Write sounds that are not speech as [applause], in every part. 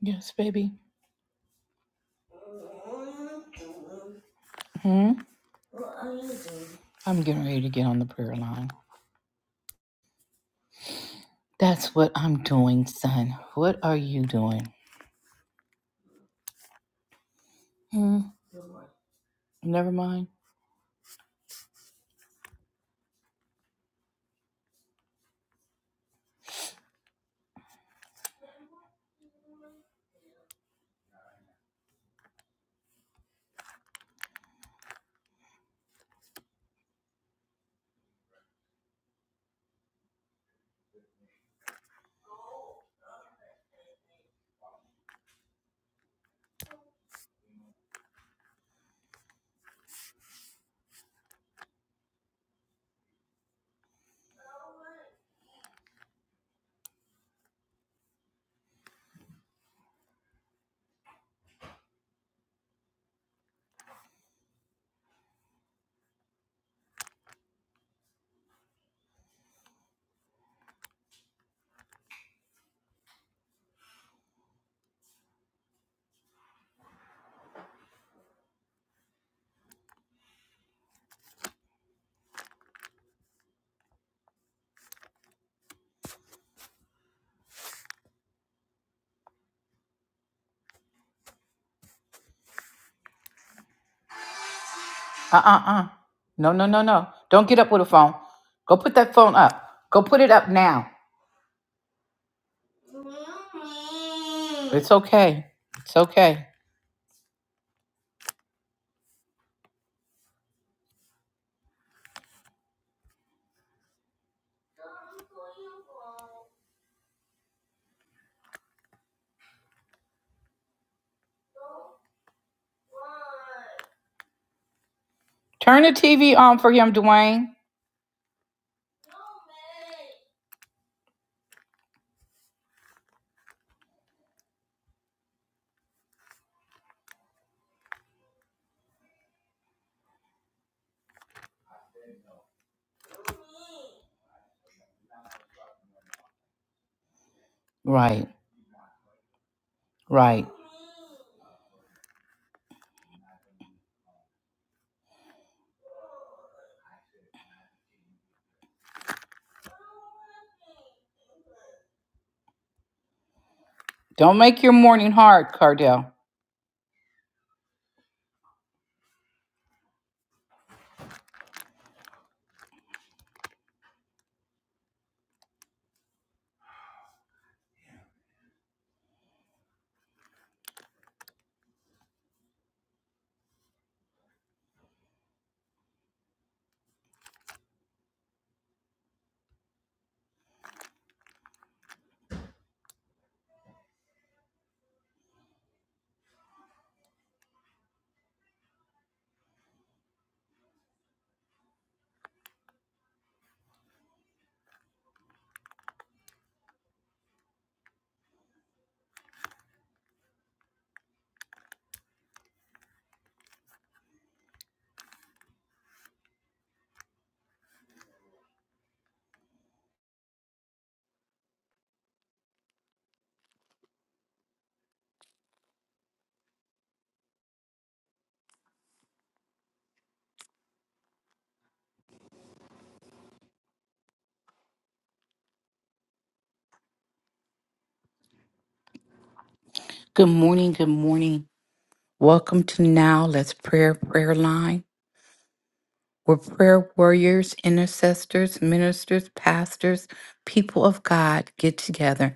Yes, baby. Hmm? I'm getting ready to get on the prayer line. That's what I'm doing, son. What are you doing? Hmm? Never mind. Uh uh uh. No, no, no, no. Don't get up with a phone. Go put that phone up. Go put it up now. It's okay. It's okay. Turn the TV on for him, Dwayne. Right, right. Don't make your morning hard, Cardell. Good morning, good morning. Welcome to Now Let's Prayer Prayer Line. were prayer warriors, intercessors, ministers, pastors, people of God get together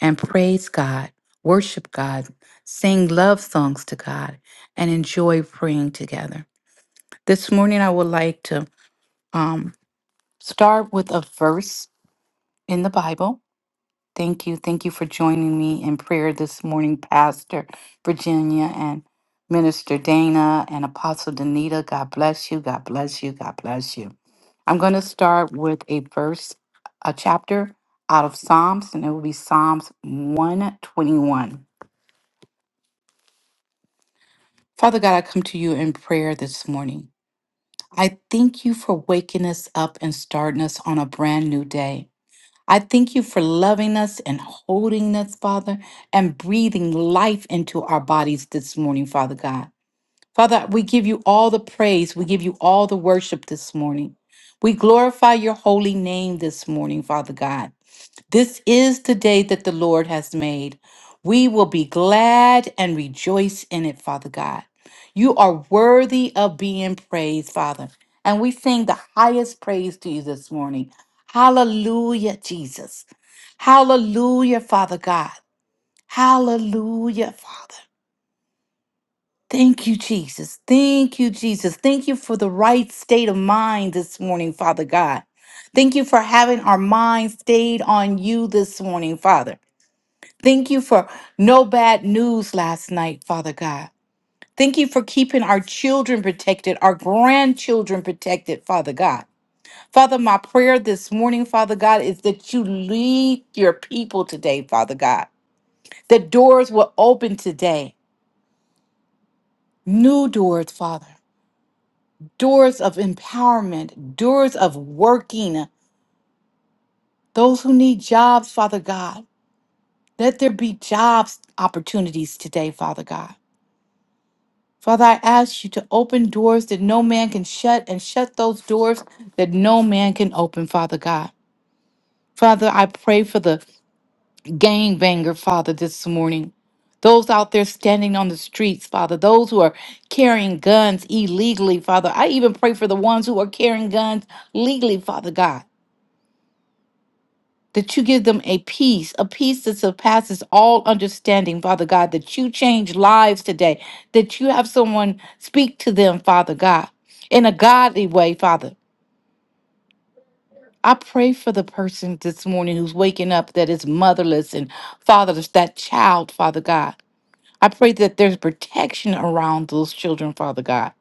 and praise God, worship God, sing love songs to God, and enjoy praying together. This morning, I would like to um, start with a verse in the Bible Thank you. Thank you for joining me in prayer this morning, Pastor Virginia and Minister Dana and Apostle Danita. God bless you. God bless you. God bless you. I'm going to start with a verse, a chapter out of Psalms, and it will be Psalms 121. Father God, I come to you in prayer this morning. I thank you for waking us up and starting us on a brand new day. I thank you for loving us and holding us, Father, and breathing life into our bodies this morning, Father God. Father, we give you all the praise. We give you all the worship this morning. We glorify your holy name this morning, Father God. This is the day that the Lord has made. We will be glad and rejoice in it, Father God. You are worthy of being praised, Father. And we sing the highest praise to you this morning. Hallelujah, Jesus. Hallelujah, Father God. Hallelujah, Father. Thank you, Jesus. Thank you, Jesus. Thank you for the right state of mind this morning, Father God. Thank you for having our mind stayed on you this morning, Father. Thank you for no bad news last night, Father God. Thank you for keeping our children protected, our grandchildren protected, Father God. Father, my prayer this morning, Father God, is that you lead your people today, Father God. That doors will open today, new doors, Father. doors of empowerment, doors of working, those who need jobs, Father God. Let there be jobs opportunities today, Father God. Father, I ask you to open doors that no man can shut and shut those doors that no man can open, Father God. Father, I pray for the gangbanger, Father, this morning. Those out there standing on the streets, Father, those who are carrying guns illegally, Father. I even pray for the ones who are carrying guns legally, Father God. that you give them a peace, a peace that surpasses all understanding, Father God, that you change lives today, that you have someone speak to them, Father God, in a godly way, Father. I pray for the person this morning who's waking up that is motherless and fatherless, that child, Father God. I pray that there's protection around those children, Father God.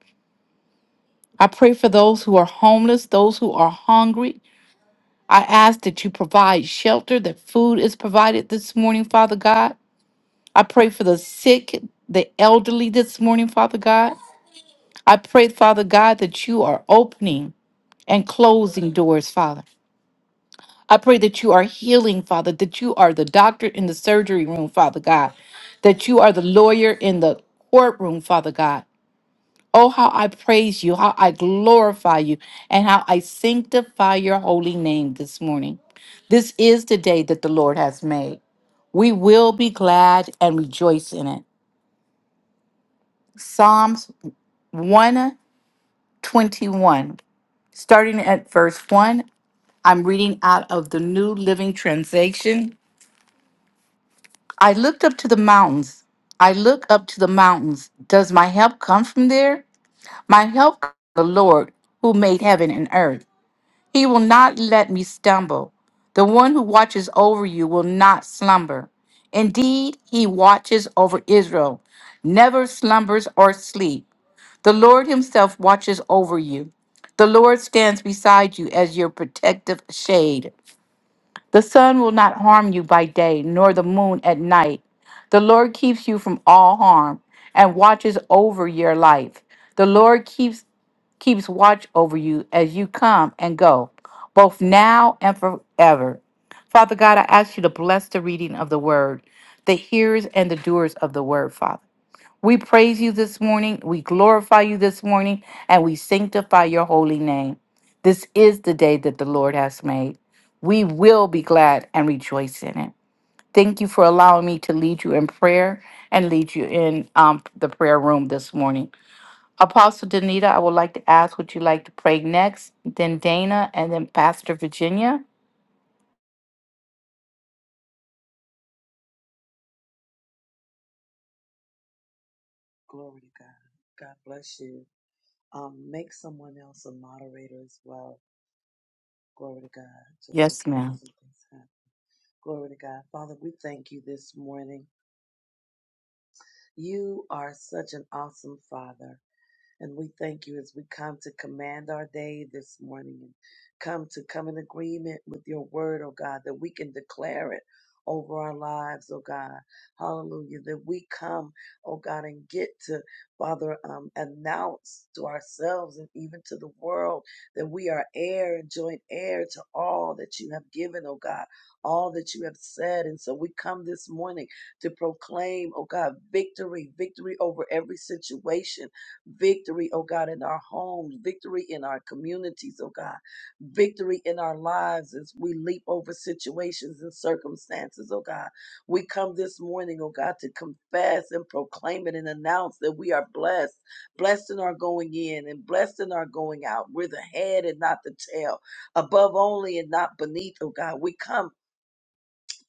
I pray for those who are homeless, those who are hungry. I ask that you provide shelter, that food is provided this morning, Father God. I pray for the sick, the elderly this morning, Father God. I pray, Father God, that you are opening and closing doors, Father. I pray that you are healing, Father, that you are the doctor in the surgery room, Father God, that you are the lawyer in the courtroom, Father God. Oh, how I praise you, how I glorify you, and how I sanctify your holy name this morning. This is the day that the Lord has made. We will be glad and rejoice in it. Psalms 121. Starting at verse 1, I'm reading out of the New Living Translation. I looked up to the mountains. I look up to the mountains. Does my help come from there? My help comes from the Lord who made heaven and earth. He will not let me stumble. The one who watches over you will not slumber. Indeed, he watches over Israel, never slumbers or sleep. The Lord Himself watches over you. The Lord stands beside you as your protective shade. The sun will not harm you by day, nor the moon at night. The Lord keeps you from all harm and watches over your life. The Lord keeps keeps watch over you as you come and go, both now and forever. Father God, I ask you to bless the reading of the word, the hearers and the doers of the word, Father. We praise you this morning. We glorify you this morning. And we sanctify your holy name. This is the day that the Lord has made. We will be glad and rejoice in it. Thank you for allowing me to lead you in prayer and lead you in um, the prayer room this morning. Apostle Danita, I would like to ask what you'd like to pray next, then Dana, and then Pastor Virginia. Glory to God. God bless you. Um, make someone else a moderator as well. Glory to God, just in Yes, case ma'am. something's happened. Glory to God. Father, we thank you this morning. You are such an awesome Father. And we thank you as we come to command our day this morning and come to come in agreement with your word, oh God, that we can declare it over our lives, oh God. Hallelujah. That we come, oh God, and get to, Father, um, announce to ourselves and even to the world that we are heir and joint heir to all that you have given, oh God, all that you have said. And so we come this morning to proclaim, oh God, victory, victory over every situation Victory, oh God, in our homes, victory in our communities, oh God, victory in our lives as we leap over situations and circumstances, oh God. We come this morning, oh God, to confess and proclaim it and announce that we are blessed. Blessed in our going in and blessed in our going out. We're the head and not the tail, above only and not beneath, oh God. We come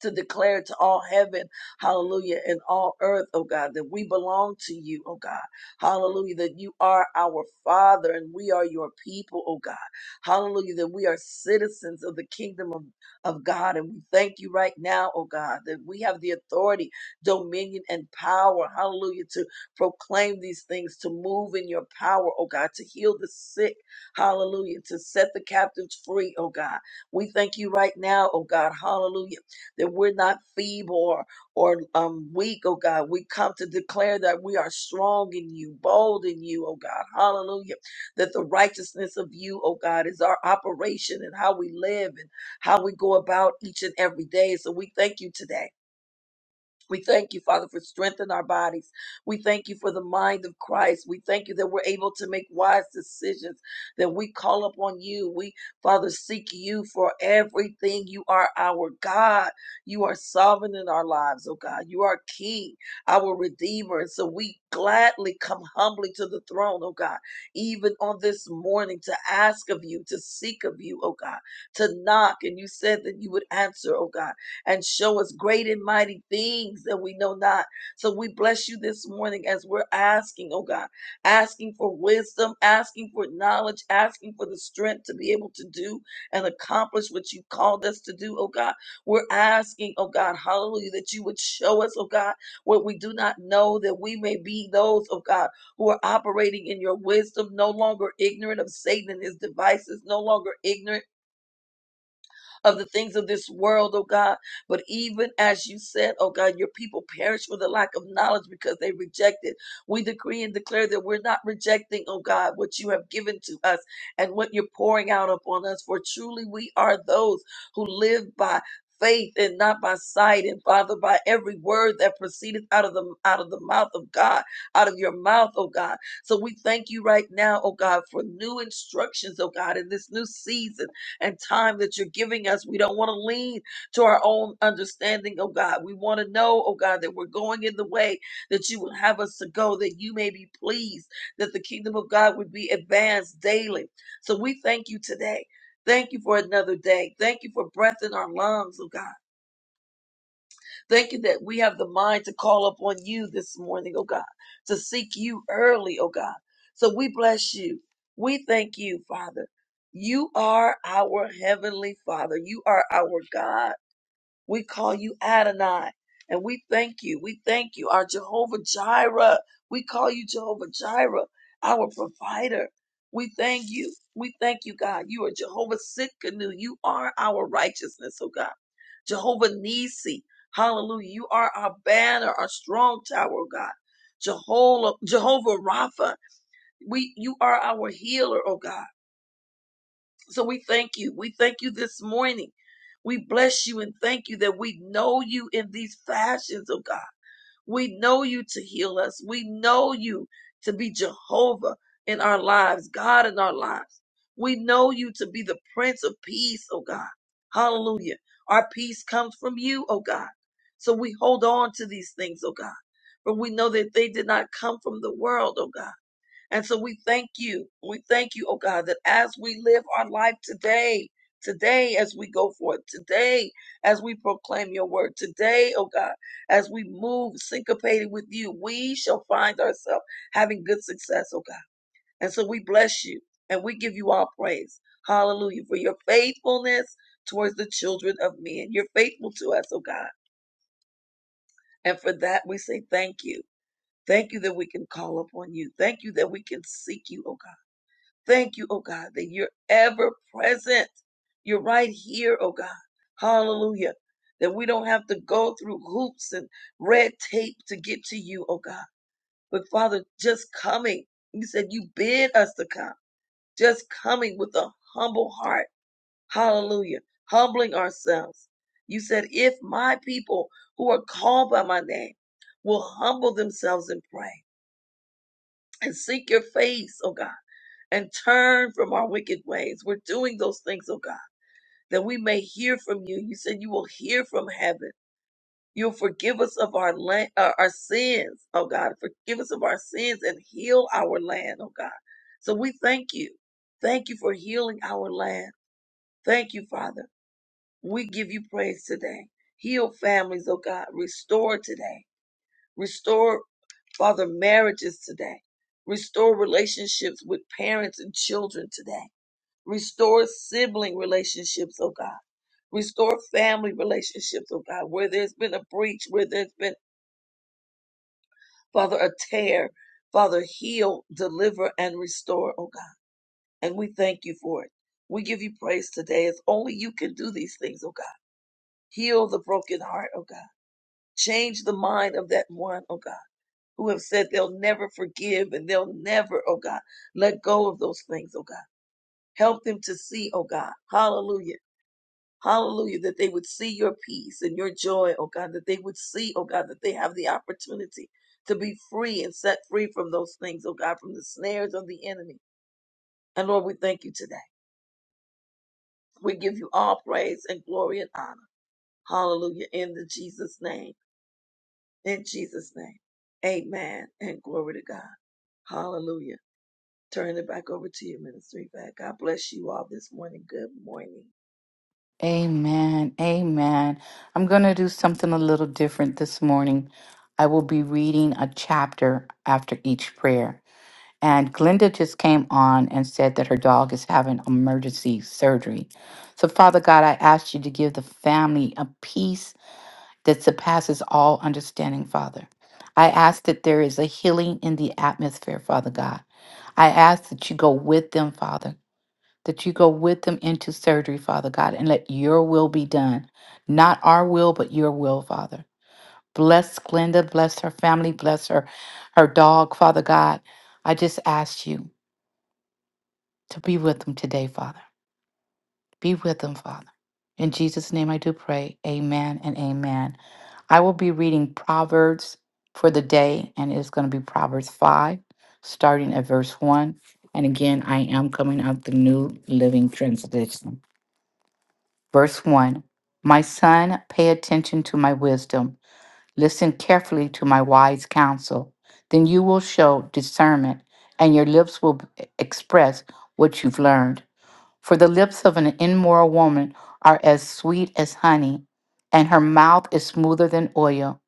to declare to all heaven, hallelujah, and all earth, oh God, that we belong to you, oh God, hallelujah, that you are our Father and we are your people, oh God, hallelujah, that we are citizens of the kingdom of, of God. And we thank you right now, oh God, that we have the authority, dominion, and power, hallelujah, to proclaim these things, to move in your power, oh God, to heal the sick, hallelujah, to set the captives free, oh God. We thank you right now, oh God, hallelujah that we're not feeble or, or um, weak, oh God. We come to declare that we are strong in you, bold in you, oh God. Hallelujah. That the righteousness of you, oh God, is our operation and how we live and how we go about each and every day. So we thank you today. We thank you, Father, for strengthening our bodies. We thank you for the mind of Christ. We thank you that we're able to make wise decisions, that we call upon you. We, Father, seek you for everything. You are our God. You are sovereign in our lives, oh God. You are King, our Redeemer. And so we gladly come humbly to the throne, oh God, even on this morning to ask of you, to seek of you, oh God, to knock. And you said that you would answer, oh God and show us great and mighty things that we know not. So we bless you this morning as we're asking, oh God, asking for wisdom, asking for knowledge, asking for the strength to be able to do and accomplish what you called us to do, oh God. We're asking, oh God, hallelujah, that you would show us, oh God, what we do not know, that we may be those, oh God, who are operating in your wisdom, no longer ignorant of Satan and his devices, no longer ignorant of the things of this world, oh God. But even as you said, oh God, your people perish for the lack of knowledge because they rejected. We decree and declare that we're not rejecting, oh God, what you have given to us and what you're pouring out upon us. For truly we are those who live by faith and not by sight and father by every word that proceedeth out of the out of the mouth of god out of your mouth oh god so we thank you right now oh god for new instructions oh god in this new season and time that you're giving us. We don't want to lean to our own understanding, oh God. We want to know, oh God, that we're going in the way that you would have us to go, that you may be pleased, that the kingdom of God would be advanced daily. So we thank you today. Thank you for another day. Thank you for breath in our lungs, oh God. Thank you that we have the mind to call upon you this morning, oh God, to seek you early, oh God. So we bless you. We thank you, Father. You are our heavenly Father. You are our God. We call you Adonai. And we thank you. We thank you, our Jehovah Jireh. We call you Jehovah Jireh, our provider. We thank you. We thank you, God. You are Jehovah Sitkanu. You are our righteousness, oh God. Jehovah Nisi. Hallelujah. You are our banner, our strong tower, oh God. Jehovah, Jehovah Rapha. We, you are our healer, oh God. So we thank you. We thank you this morning. We bless you and thank you that we know you in these fashions, oh God. We know you to heal us. We know you to be Jehovah in our lives, God in our lives. We know you to be the Prince of Peace, oh God. Hallelujah. Our peace comes from you, oh God. So we hold on to these things, oh God. For we know that they did not come from the world, oh God and so we thank you. We thank you, oh God, that as we live our life today, today as we go forth, today as we proclaim your word, today, oh God, as we move syncopated with you, we shall find ourselves having good success, oh God. And so we bless you and we give you all praise. Hallelujah. For your faithfulness towards the children of men. You're faithful to us, oh God. And for that, we say thank you. Thank you that we can call upon you. Thank you that we can seek you, oh God. Thank you, oh God, that you're ever present. You're right here, oh God. Hallelujah. That we don't have to go through hoops and red tape to get to you, oh God. But Father, just coming, you said you bid us to come, just coming with a humble heart. Hallelujah. Humbling ourselves. You said, if my people who are called by my name will humble themselves and pray and seek your face, oh God and turn from our wicked ways. We're doing those things, oh God, that we may hear from you. You said you will hear from heaven. You'll forgive us of our land, uh, our sins, oh God. Forgive us of our sins and heal our land, oh God. So we thank you. Thank you for healing our land. Thank you, Father. We give you praise today. Heal families, oh God. Restore today. Restore, Father, marriages today. Restore relationships with parents and children today Restore sibling relationships, oh God. Restore family relationships, oh God, where there's been a breach, where there's been, Father, a tear. Father, heal, deliver, and restore, oh God. And we thank you for it. We give you praise today. It's only you can do these things, oh God. Heal the broken heart, oh God. Change the mind of that one, oh God, who have said they'll never forgive and they'll never, oh God, let go of those things, oh God. Help them to see, oh God. Hallelujah Hallelujah, that they would see your peace and your joy, oh God, that they would see, oh God, that they have the opportunity to be free and set free from those things, oh God, from the snares of the enemy. And Lord, we thank you today. We give you all praise and glory and honor. Hallelujah, in the Jesus name, in Jesus name. Amen and glory to God. Hallelujah. Turn it back over to you, Ministry Back. God bless you all this morning. Good morning. Amen. Amen. I'm going to do something a little different this morning. I will be reading a chapter after each prayer. And Glenda just came on and said that her dog is having emergency surgery. So, Father God, I ask you to give the family a peace that surpasses all understanding, Father. I ask that there is a healing in the atmosphere, Father God. I ask that you go with them, Father that you go with them into surgery, Father God, and let your will be done. Not our will, but your will, Father. Bless Glenda, bless her family, bless her, her dog, Father God. I just ask you to be with them today, Father. Be with them, Father. In Jesus' name I do pray. Amen and amen. I will be reading Proverbs for the day, and it's going to be Proverbs 5, starting at verse 1. And again, I am coming out the New Living Translation. Verse 1 My son, pay attention to my wisdom, listen carefully to my wise counsel. Then you will show discernment, and your lips will express what you've learned. For the lips of an immoral woman are as sweet as honey, and her mouth is smoother than oil.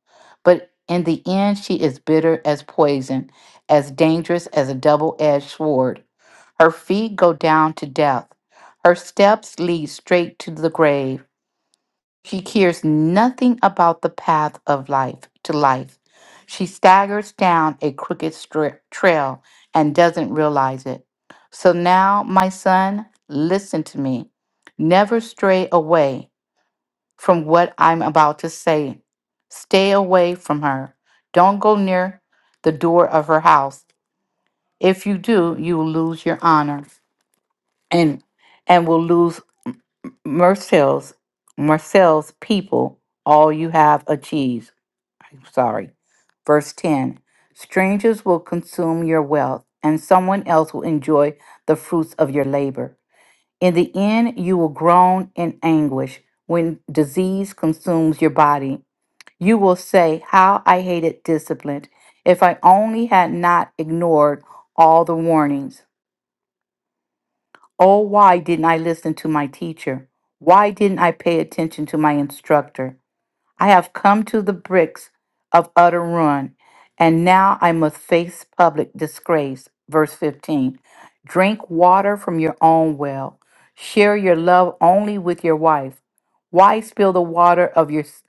But in the end, she is bitter as poison, as dangerous as a double edged sword. Her feet go down to death, her steps lead straight to the grave. She cares nothing about the path of life to life. She staggers down a crooked stra- trail and doesn't realize it. So now, my son, listen to me. Never stray away from what I'm about to say. Stay away from her. Don't go near the door of her house. If you do, you will lose your honor and and will lose Marcel's Marcel's people all you have achieves. I'm sorry. Verse 10 Strangers will consume your wealth, and someone else will enjoy the fruits of your labor. In the end, you will groan in anguish when disease consumes your body. You will say, How I hated discipline. If I only had not ignored all the warnings. Oh, why didn't I listen to my teacher? Why didn't I pay attention to my instructor? I have come to the bricks of utter ruin, and now I must face public disgrace. Verse 15 Drink water from your own well, share your love only with your wife. Why spill the water of your s-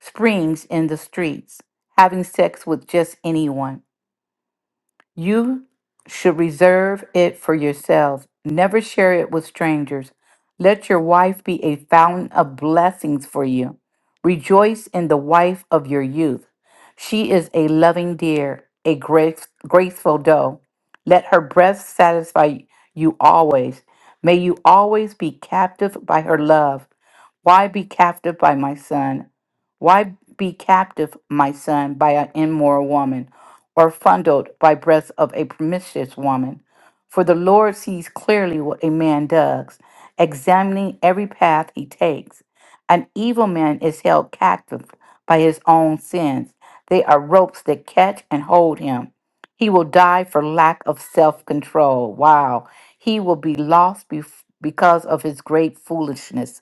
springs in the streets, having sex with just anyone? You should reserve it for yourselves. Never share it with strangers. Let your wife be a fountain of blessings for you. Rejoice in the wife of your youth. She is a loving deer, a grace, graceful doe. Let her breast satisfy you always. May you always be captive by her love. Why be captive by my son? Why be captive, my son, by an immoral woman? or fondled by breath of a promiscuous woman. For the Lord sees clearly what a man does, examining every path he takes. An evil man is held captive by his own sins. They are ropes that catch and hold him. He will die for lack of self control. Wow. He will be lost bef- because of his great foolishness.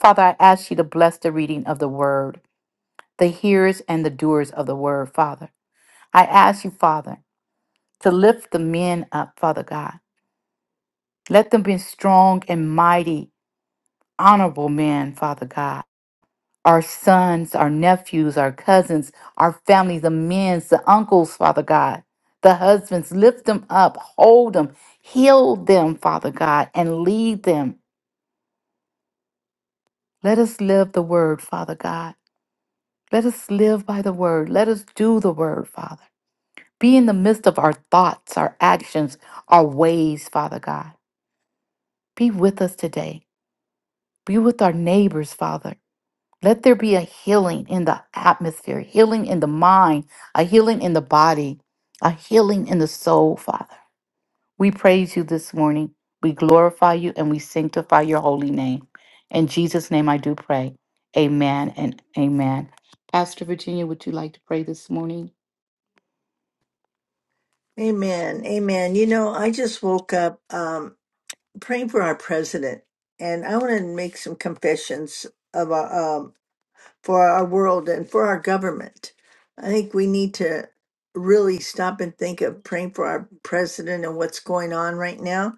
Father, I ask you to bless the reading of the word, the hearers and the doers of the word, Father. I ask you, Father to lift the men up, Father God. Let them be strong and mighty, honorable men, Father God. Our sons, our nephews, our cousins, our families, the men, the uncles, Father God, the husbands, lift them up, hold them, heal them, Father God, and lead them. Let us live the word, Father God. Let us live by the word. Let us do the word, Father. Be in the midst of our thoughts, our actions, our ways, Father God. Be with us today. Be with our neighbors, Father. Let there be a healing in the atmosphere, healing in the mind, a healing in the body, a healing in the soul, Father. We praise you this morning. We glorify you and we sanctify your holy name. In Jesus' name I do pray. Amen and amen. Pastor Virginia, would you like to pray this morning? Amen. Amen. You know, I just woke up um, praying for our president, and I want to make some confessions of our, um, for our world and for our government. I think we need to really stop and think of praying for our president and what's going on right now.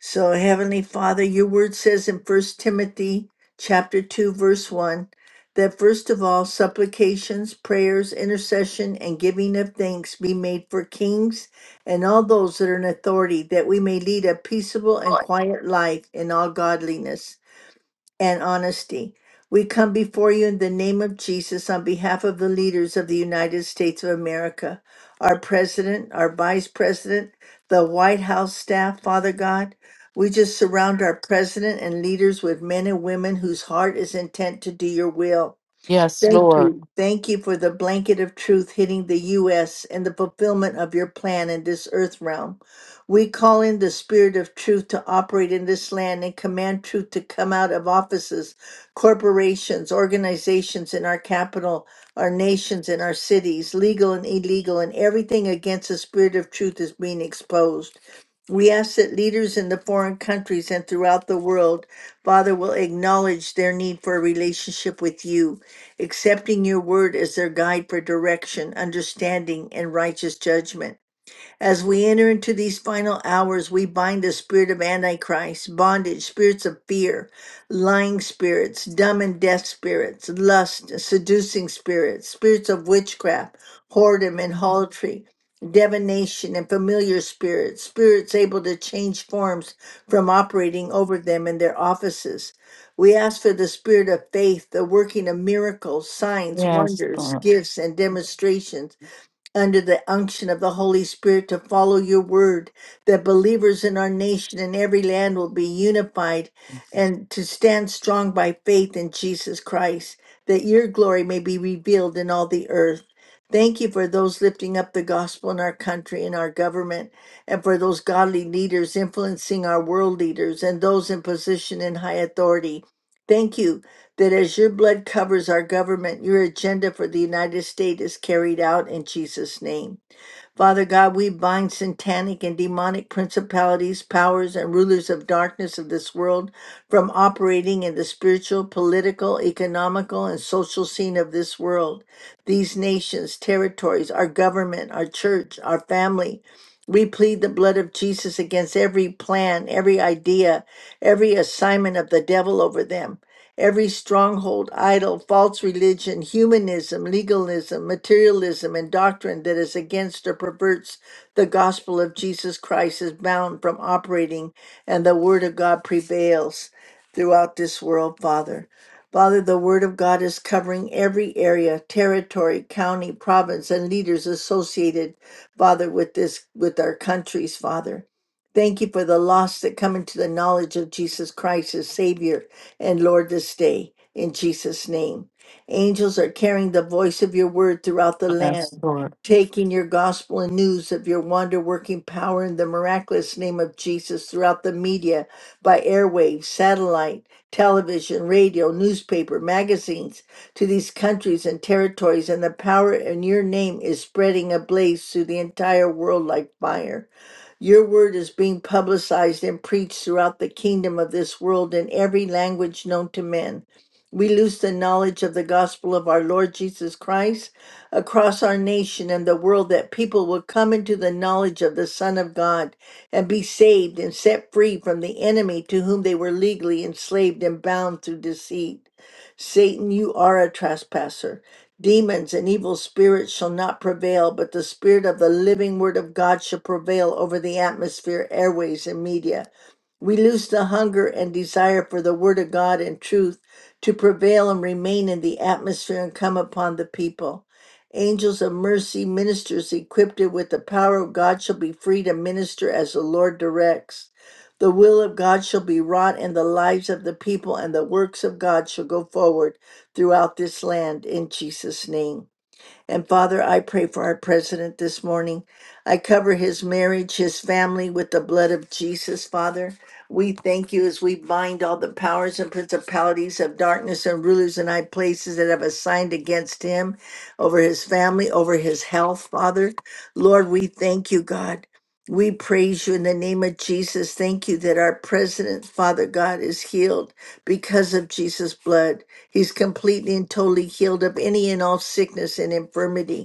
So Heavenly Father, your word says in First Timothy chapter 2 verse 1 that first of all supplications, prayers, intercession and giving of thanks be made for kings and all those that are in authority that we may lead a peaceable and quiet life in all godliness and honesty. We come before you in the name of Jesus on behalf of the leaders of the United States of America, our president, our vice president, the White House staff, Father God. We just surround our president and leaders with men and women whose heart is intent to do your will. Yes, Thank Lord. you. Thank you for the blanket of truth hitting the U.S. and the fulfillment of your plan in this earth realm. We call in the spirit of truth to operate in this land and command truth to come out of offices, corporations, organizations in our capital, our nations, and our cities, legal and illegal, and everything against the spirit of truth is being exposed. We ask that leaders in the foreign countries and throughout the world, Father, will acknowledge their need for a relationship with you accepting your word as their guide for direction, understanding, and righteous judgment. As we enter into these final hours, we bind the spirit of Antichrist, bondage, spirits of fear, lying spirits, dumb and deaf spirits, lust, seducing spirits, spirits of witchcraft, whoredom and haltry, divination and familiar spirits, spirits able to change forms from operating over them in their offices. We ask for the spirit of faith, the working of miracles, signs, Yes, wonders, Lord. gifts, and demonstrations under the unction of the Holy Spirit to follow your word, that believers in our nation and every land will be unified and to stand strong by faith in Jesus Christ, that your glory may be revealed in all the earth. Thank you for those lifting up the gospel in our country and our government, and for those godly leaders influencing our world leaders and those in position in high authority. Thank you that as your blood covers our government, your agenda for the United States is carried out in Jesus' name. Father God, we bind satanic and demonic principalities, powers, and rulers of darkness of this world from operating in the spiritual, political, economical, and social scene of this world. These nations, territories, our government, our church, our family, we plead the blood of Jesus against every plan, every idea, every assignment of the devil over them. Every stronghold, idol, false religion, humanism, legalism, materialism, and doctrine that is against or perverts the gospel of Jesus Christ is bound from operating, and the word of God prevails throughout this world, Father. Father, the Word of God is covering every area, territory, county, province, and leaders associated, Father, with this, with our countries, Father. Thank you for the lost that come into the knowledge of Jesus Christ as Savior and Lord, this day in Jesus' name. Angels are carrying the voice of your word throughout the Yes, land, Lord. taking your gospel and news of your wonder working power in the miraculous name of Jesus throughout the media by airwaves, satellite, television, radio, newspaper, magazines to these countries and territories, and the power in your name is spreading ablaze through the entire world like fire. Your word is being publicized and preached throughout the kingdom of this world in every language known to men. We lose the knowledge of the gospel of our Lord Jesus Christ across our nation and the world that people will come into the knowledge of the Son of God and be saved and set free from the enemy to whom they were legally enslaved and bound through deceit. Satan, you are a trespasser. Demons and evil spirits shall not prevail, but the spirit of the living word of God shall prevail over the atmosphere, airways, and media. We lose the hunger and desire for the Word of God and truth to prevail and remain in the atmosphere and come upon the people. Angels of mercy, ministers equipped with the power of God shall be free to minister as the Lord directs. The will of God shall be wrought in the lives of the people, and the works of God shall go forward throughout this land in Jesus' name. And Father, I pray for our president this morning. I cover his marriage, his family with the blood of Jesus, Father. We thank you as we bind all the powers and principalities of darkness and rulers in high places that have assigned against him, over his family, over his health, Father. Lord, we thank you, God. We praise you in the name of Jesus. Thank you that our president, Father God, is healed because of Jesus' blood. He's completely and totally healed of any and all sickness and infirmity.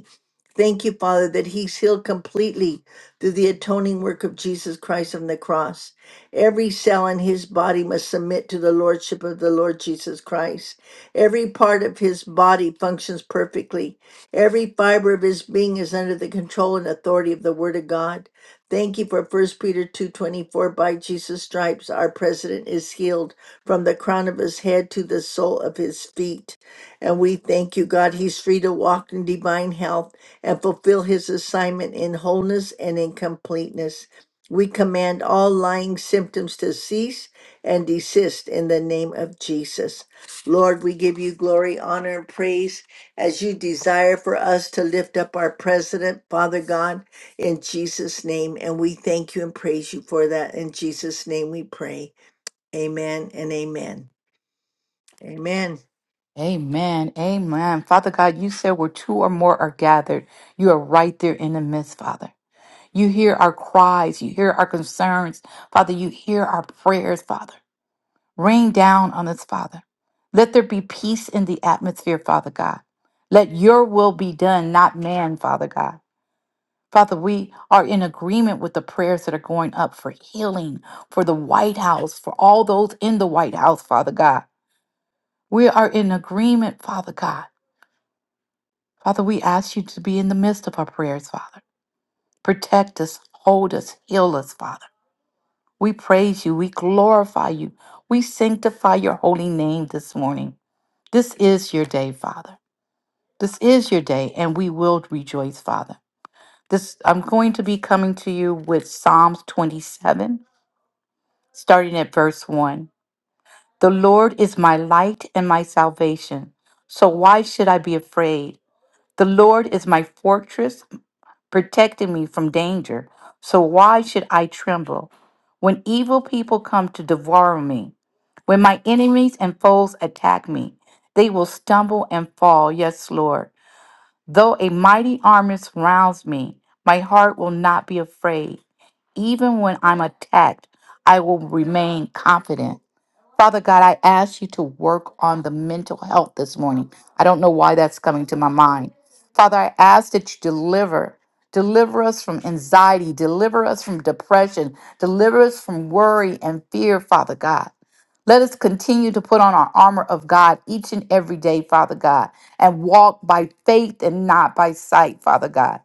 Thank you, Father, that he's healed completely through the atoning work of Jesus Christ on the cross. Every cell in his body must submit to the lordship of the Lord Jesus Christ. Every part of his body functions perfectly. Every fiber of his being is under the control and authority of the word of God. Thank you for First Peter 2:24 by Jesus stripes our president is healed from the crown of his head to the sole of his feet. And we thank you, God, he's free to walk in divine health and fulfill his assignment in wholeness and in completeness. We command all lying symptoms to cease and desist in the name of Jesus. Lord, we give you glory, honor, and praise as you desire for us to lift up our president, Father God, in Jesus' name. And we thank you and praise you for that. In Jesus' name we pray. Amen and amen. Amen. Amen. Amen. Father God, you said where two or more are gathered, you are right there in the midst, Father. You hear our cries. You hear our concerns. Father, you hear our prayers, Father. Rain down on us, Father. Let there be peace in the atmosphere, Father God. Let your will be done, not man, Father God. Father, we are in agreement with the prayers that are going up for healing, for the White House, for all those in the White House, Father God. We are in agreement, Father God. Father, we ask you to be in the midst of our prayers, Father. Protect us, hold us, heal us, Father. We praise you. We glorify you. We sanctify your holy name this morning. This is your day, Father. This is your day, and we will rejoice, Father. This I'm going to be coming to you with Psalms 27, starting at verse 1. The Lord is my light and my salvation. So why should I be afraid? The Lord is my fortress. protecting me from danger. So why should I tremble? When evil people come to devour me, when my enemies and foes attack me, they will stumble and fall. Yes, Lord. Though a mighty army surrounds me, my heart will not be afraid. Even when I'm attacked, I will remain confident. Father God, I ask you to work on the mental health this morning. I don't know why that's coming to my mind. Father, I ask that you deliver. Deliver us from anxiety. Deliver us from depression. Deliver us from worry and fear, Father God. Let us continue to put on our armor of God each and every day, Father God, and walk by faith and not by sight, Father God.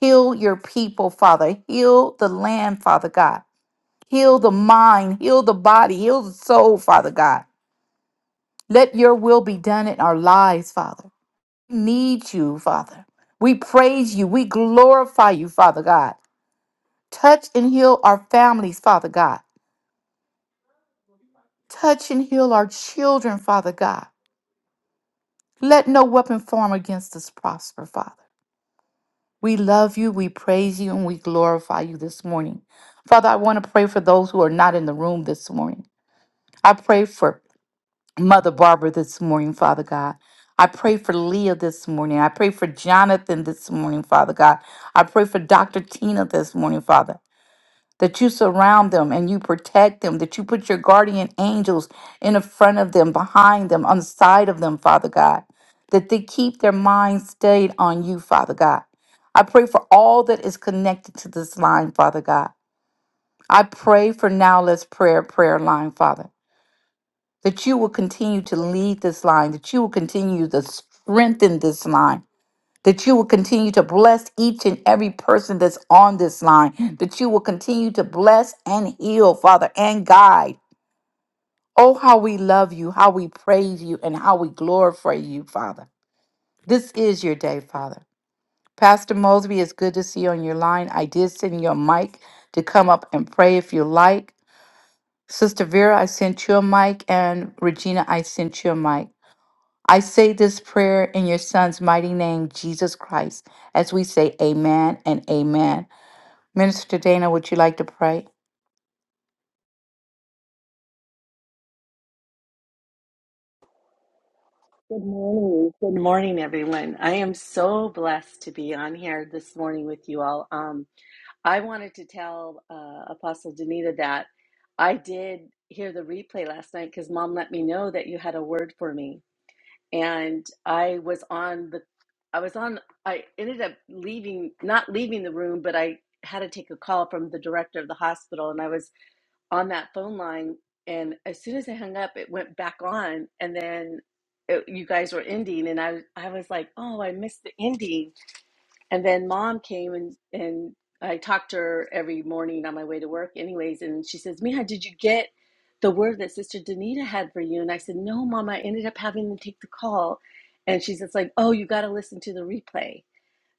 Heal your people, Father. Heal the land, Father God. Heal the mind, heal the body, heal the soul, Father God. Let your will be done in our lives, Father. We need you, Father. We praise you. We glorify you, Father God. Touch and heal our families, Father God. Touch and heal our children, Father God. Let no weapon form against us prosper, Father. We love you, we praise you, and we glorify you this morning. Father, I want to pray for those who are not in the room this morning. I pray for Mother Barbara this morning, Father God. I pray for Leah this morning. I pray for Jonathan this morning, Father God. I pray for Dr. Tina this morning, Father. That you surround them and you protect them, that you put your guardian angels in the front of them, behind them, on the side of them, Father God. That they keep their minds stayed on you, Father God. I pray for all that is connected to this line, Father God. I pray for now let's prayer prayer line, Father that you will continue to lead this line, that you will continue to strengthen this line, that you will continue to bless each and every person that's on this line, that you will continue to bless and heal, Father, and guide. Oh, how we love you, how we praise you, and how we glorify you, Father. This is your day, Father. Pastor Mosby, it's good to see you on your line. I did send you a mic to come up and pray if you like. Sister Vera, I sent you a mic, and Regina, I sent you a mic. I say this prayer in your son's mighty name, Jesus Christ, as we say amen and amen. Minister Dana, would you like to pray? Good morning. Good morning, everyone. I am so blessed to be on here this morning with you all. Um, I wanted to tell uh, Apostle Danita that I did hear the replay last night because Mom let me know that you had a word for me, and I was on the, I was on. I ended up leaving, not leaving the room, but I had to take a call from the director of the hospital, and I was on that phone line and as soon as I hung up it went back on and then it, you guys were ending and I I was like oh I missed the ending and then mom came and and I talked to her every morning on my way to work anyways and she says Mija did you get the word that sister Danita had for you and I said no mom I ended up having to take the call and she's just like oh you got to listen to the replay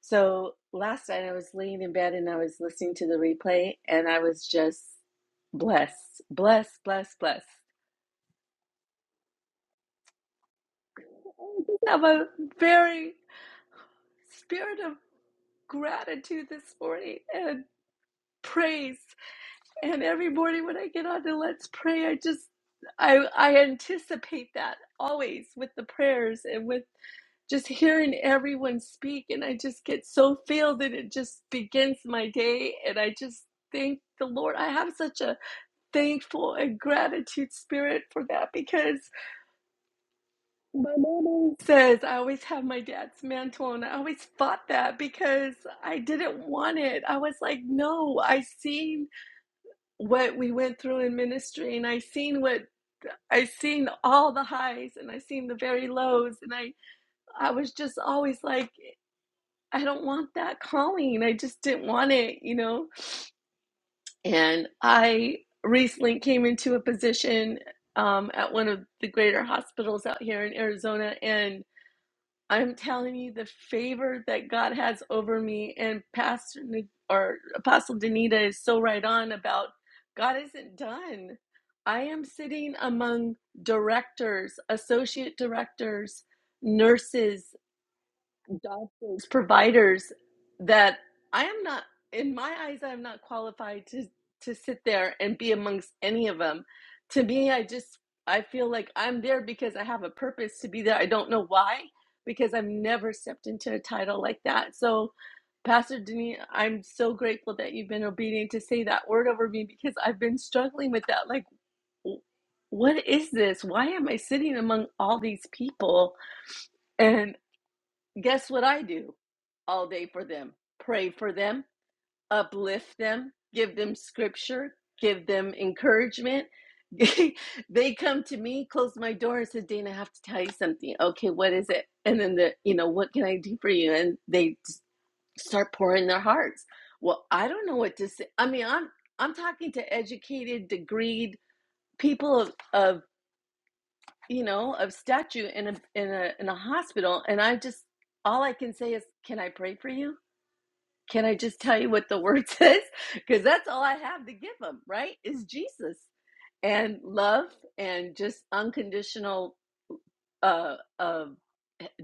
so last night I was laying in bed and I was listening to the replay and I was just blessed, blessed, blessed, blessed. I have a very spirit of gratitude this morning and praise. And every morning when I get on to Let's Pray, I just I I anticipate that always with the prayers and with just hearing everyone speak and I just get so filled and it just begins my day and I just thank the Lord. I have such a thankful and gratitude spirit for that because my mom says I always have my dad's mantle and I always fought that because I didn't want it. I was like, no, I seen what we went through in ministry and I seen what I seen all the highs and I seen the very lows and I I was just always like I don't want that calling. I just didn't want it, you know? And I recently came into a position um, at one of the greater hospitals out here in Arizona. And I'm telling you, the favor that God has over me, and Pastor or Apostle Danita is so right on about God isn't done. I am sitting among directors, associate directors, nurses, doctors, providers that I am not, in my eyes, I am not qualified to to sit there and be amongst any of them. To me, I just I feel like I'm there because I have a purpose to be there. I don't know why, because I've never stepped into a title like that. So, Pastor Denise, I'm so grateful that you've been obedient to say that word over me because I've been struggling with that. Like, w- what is this? Why am I sitting among all these people? and? Guess what I do all day for them? Pray for them, uplift them, give them scripture, give them encouragement. [laughs] they come to me, close my door, and says, "Dana, I have to tell you something." Okay, what is it? And then the, you know, what can I do for you? And they start pouring their hearts. Well, I don't know what to say. I mean, I'm I'm talking to educated, degreed people of of you know, of statue in a in a in a hospital, and I just all I can say is, can I pray for you? Can I just tell you what the [laughs] word says? Because that's all I have to give them, right? Is Jesus and love and just unconditional uh, uh,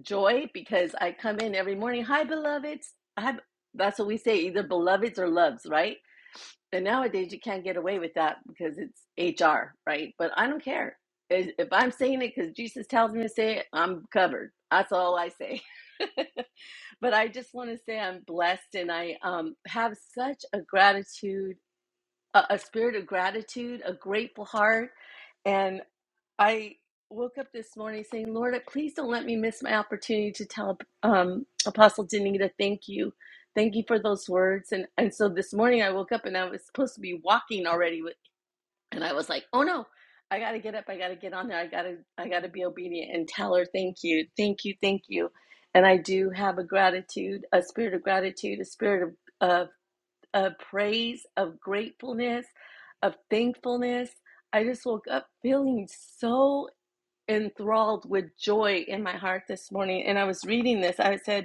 joy. Because I come in every morning, hi beloveds. I have, that's what we say, either beloveds or loves, right? And nowadays you can't get away with that because it's HR, right? But I don't care. If if I'm saying it because Jesus tells me to say it, I'm covered. That's all I say. [laughs] but I just want to say I'm blessed and I um, have such a gratitude, a, a spirit of gratitude, a grateful heart. and. I woke up this morning saying, Lord, please don't let me miss my opportunity to tell um, Apostle Danita, thank you. Thank you for those words. And, and so this morning I woke up and I was supposed to be walking already. With, and I was like, oh no, I got to get up. I got to get on there. I got to, I got to be obedient and tell her, thank you, thank you, thank you. And I do have a gratitude, a spirit of gratitude, a spirit of, of, of praise, of gratefulness, of thankfulness. I just woke up feeling so enthralled with joy in my heart this morning. And I was reading this. I said,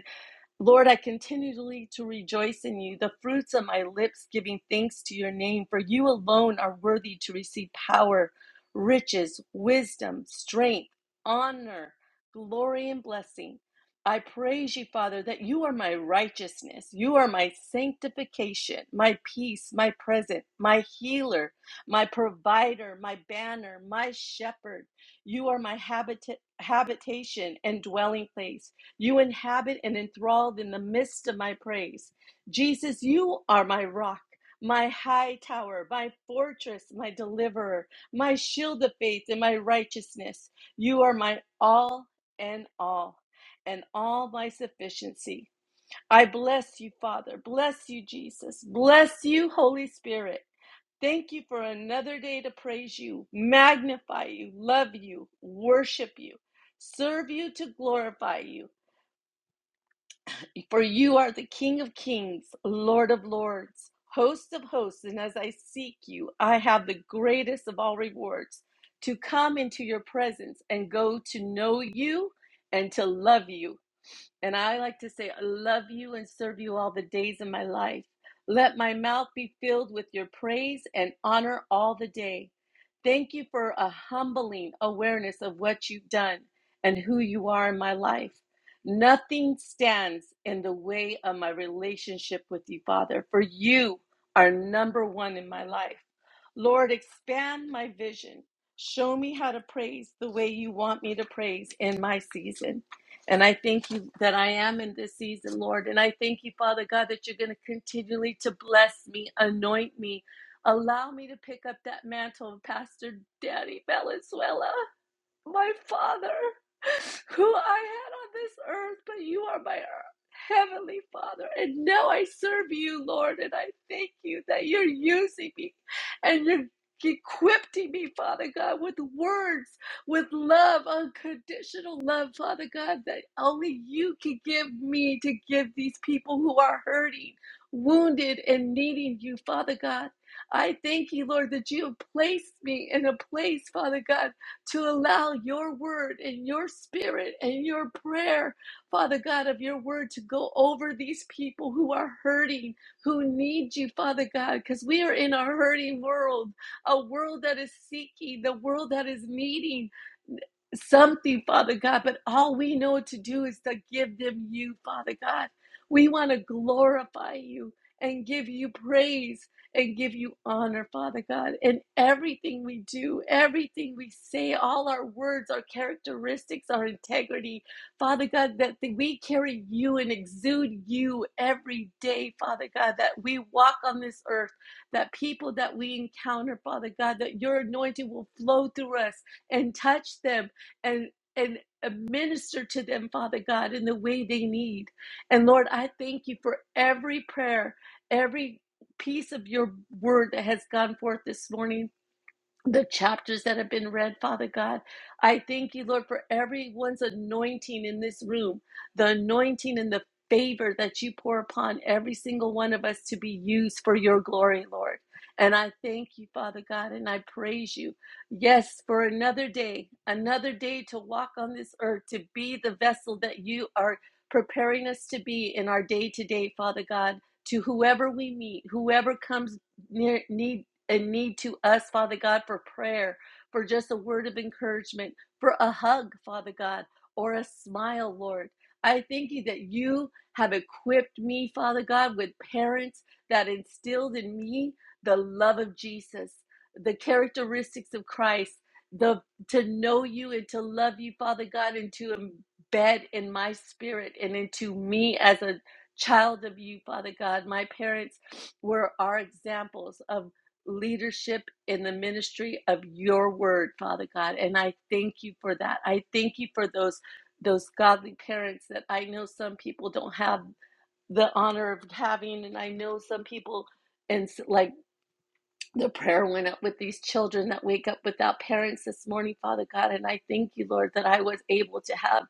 Lord, I continually to rejoice in you, the fruits of my lips giving thanks to your name, for you alone are worthy to receive power, riches, wisdom, strength, honor, glory, and blessing. I praise you, Father, that you are my righteousness. You are my sanctification, my peace, my present, my healer, my provider, my banner, my shepherd. You are my habita- habitation and dwelling place. You inhabit and enthralled in the midst of my praise. Jesus, you are my rock, my high tower, my fortress, my deliverer, my shield of faith, and my righteousness. You are my all and all, and all my sufficiency. I bless you, Father. Bless you, Jesus. Bless you, Holy Spirit. Thank you for another day to praise you, magnify you, love you, worship you, serve you to glorify you. For you are the King of kings, Lord of lords, host of hosts, and as I seek you, I have the greatest of all rewards to come into your presence and go to know you and to love you and I like to say, I love you and serve you all the days of my life. Let my mouth be filled with your praise and honor all the day. Thank you for a humbling awareness of what you've done and who you are in my life. Nothing stands in the way of my relationship with you, Father, for you are number one in my life. Lord, expand my vision. Show me how to praise the way you want me to praise in my season. And I thank you that I am in this season, Lord. And I thank you, Father God, that you're going to continually to bless me, anoint me, allow me to pick up that mantle of Pastor Daddy Valenzuela my Father, who I had on this earth, but you are my heavenly Father. And now I serve you, Lord, and I thank you that you're using me and you're equipping me, Father God, with words, with love, unconditional love, Father God, that only you can give me to give these people who are hurting, wounded, and needing you, Father God. I thank you, Lord, that you have placed me in a place, Father God to allow your word and your spirit and your prayer, Father God, of your word to go over these people who are hurting, who need you, Father God, because we are in a hurting world, a world that is seeking, the world that is needing something, Father God, but all we know to do is to give them you, Father God. We want to glorify you and give you praise and give you honor, Father God, in everything we do, everything we say, all our words, our characteristics, our integrity, Father God, that th- we carry you and exude you every day, Father God, that we walk on this earth, that people that we encounter, Father God, that your anointing will flow through us and touch them and and uh, minister to them, Father God, in the way they need. And Lord, I thank you for every prayer, every piece of your word that has gone forth this morning the chapters that have been read, Father God. I thank you, Lord, for everyone's anointing in this room, the anointing and the favor that you pour upon every single one of us to be used for your glory, Lord. And I thank you, Father God, and I praise you. Yes, for another day, another day to walk on this earth, to be the vessel that you are preparing us to be in our day to day, Father God, to whoever we meet, whoever comes near, need and need to us, Father God, for prayer, for just a word of encouragement, for a hug, Father God, or a smile, Lord. I thank you that you have equipped me, Father God, with parents that instilled in me the love of Jesus, the characteristics of Christ, the to know you and to love you, Father God, and to embed in my spirit and into me as a child of you, Father God. My parents were our examples of leadership in the ministry of your word, Father God. And I thank you for that. I thank you for those those godly parents that I know some people don't have the honor of having and I know some people and like the prayer went up with these children that wake up without parents this morning, Father God, and I thank you, Lord, that I was able to have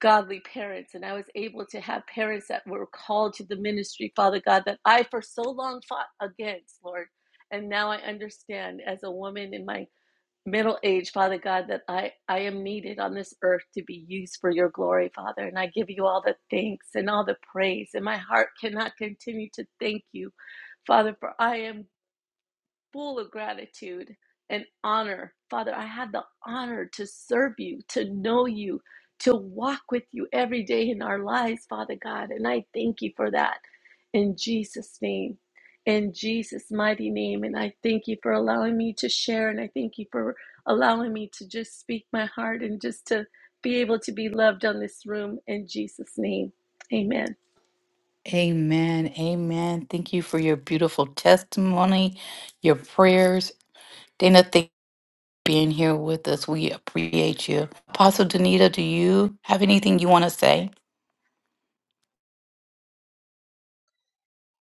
godly parents and I was able to have parents that were called to the ministry, Father God, that I for so long fought against, Lord. And now I understand as a woman in my middle age, Father God, that I, I am needed on this earth to be used for your glory, Father. And I give you all the thanks and all the praise. And my heart cannot continue to thank you, Father, for I am full of gratitude and honor. Father, I had the honor to serve you, to know you, to walk with you every day in our lives, Father God. And I thank you for that in Jesus' name, in Jesus' mighty name. And I thank you for allowing me to share. And I thank you for allowing me to just speak my heart and just to be able to be loved on this room in Jesus' name. Amen. Amen. Amen. Thank you for your beautiful testimony, your prayers. Dana, thank you for being here with us. We appreciate you. Apostle Danita, do you have anything you want to say?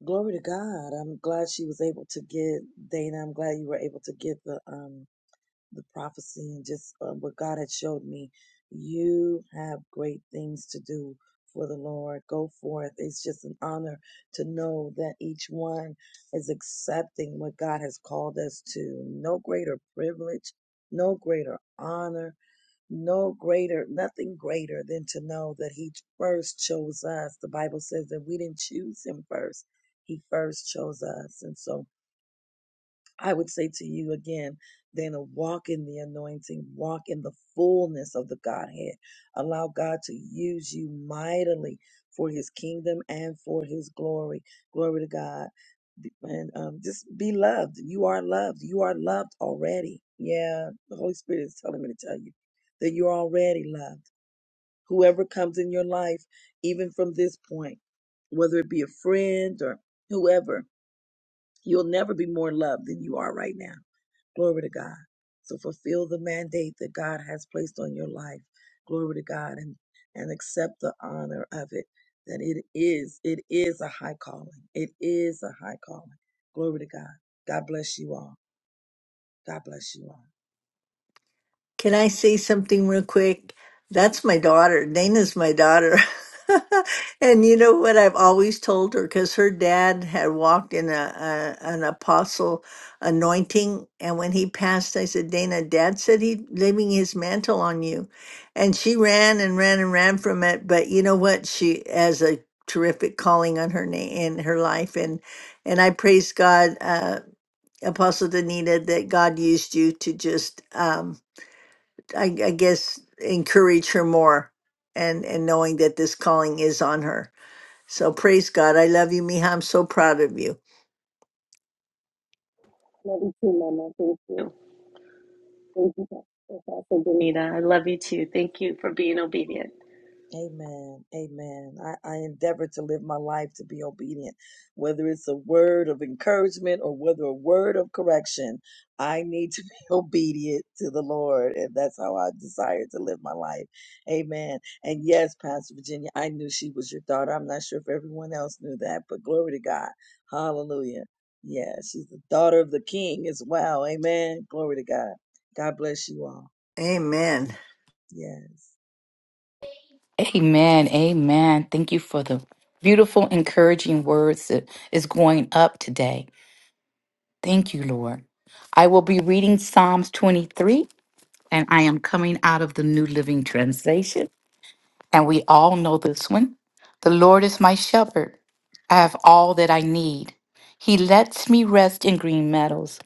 Glory to God. I'm glad she was able to get Dana. I'm glad you were able to get the um the prophecy and just um, what God had showed me. You have great things to do for the Lord. Go forth. It's just an honor to know that each one is accepting what God has called us to. No greater privilege, no greater honor no greater, nothing greater than to know that He first chose us. The Bible says that we didn't choose Him first, He first chose us. And so I would say to you again, Dana, walk in the anointing, walk in the fullness of the Godhead. Allow God to use you mightily for his kingdom and for his glory. Glory to God. And um, just be loved. You are loved. You are loved already. Yeah, the Holy Spirit is telling me to tell you that you're already loved. Whoever comes in your life, even from this point, whether it be a friend or whoever, You'll never be more loved than you are right now. Glory to God. So fulfill the mandate that God has placed on your life. Glory to God and and accept the honor of it that it is it is a high calling. It is a high calling. Glory to God. God bless you all. God bless you all. Can I say something real quick? That's my daughter. Dana's my daughter. [laughs] and you know what I've always told her because her dad had walked in a, a an apostle anointing, and when he passed, I said, "Dana, Dad said he leaving his mantle on you," and she ran and ran and ran from it. But you know what? She has a terrific calling on her name in her life, and and I praise God, uh, Apostle Danita, that God used you to just. Um, I, I guess encourage her more and and knowing that this calling is on her so praise god i love you miha i'm so proud of you Love you too, Mama. Thank you. Thank you Awesome, Benita. I love you too. Thank you for being obedient. Amen. Amen. I, I endeavor to live my life to be obedient, whether it's a word of encouragement or whether a word of correction. I need to [laughs] be obedient to the Lord, and that's how I desire to live my life. Amen. And yes, Pastor Virginia, I knew she was your daughter. I'm not sure if everyone else knew that, but glory to God. Hallelujah. Yeah, she's the daughter of the King as well. Amen. Glory to God. God bless you all. amen Yes. Amen. Amen. Thank you for the beautiful, encouraging words that is going up today. Thank you, Lord. I will be reading Psalms 23, and I am coming out of the New Living Translation. And we all know this one. The Lord is my shepherd. I have all that I need. He lets me rest in green meadows.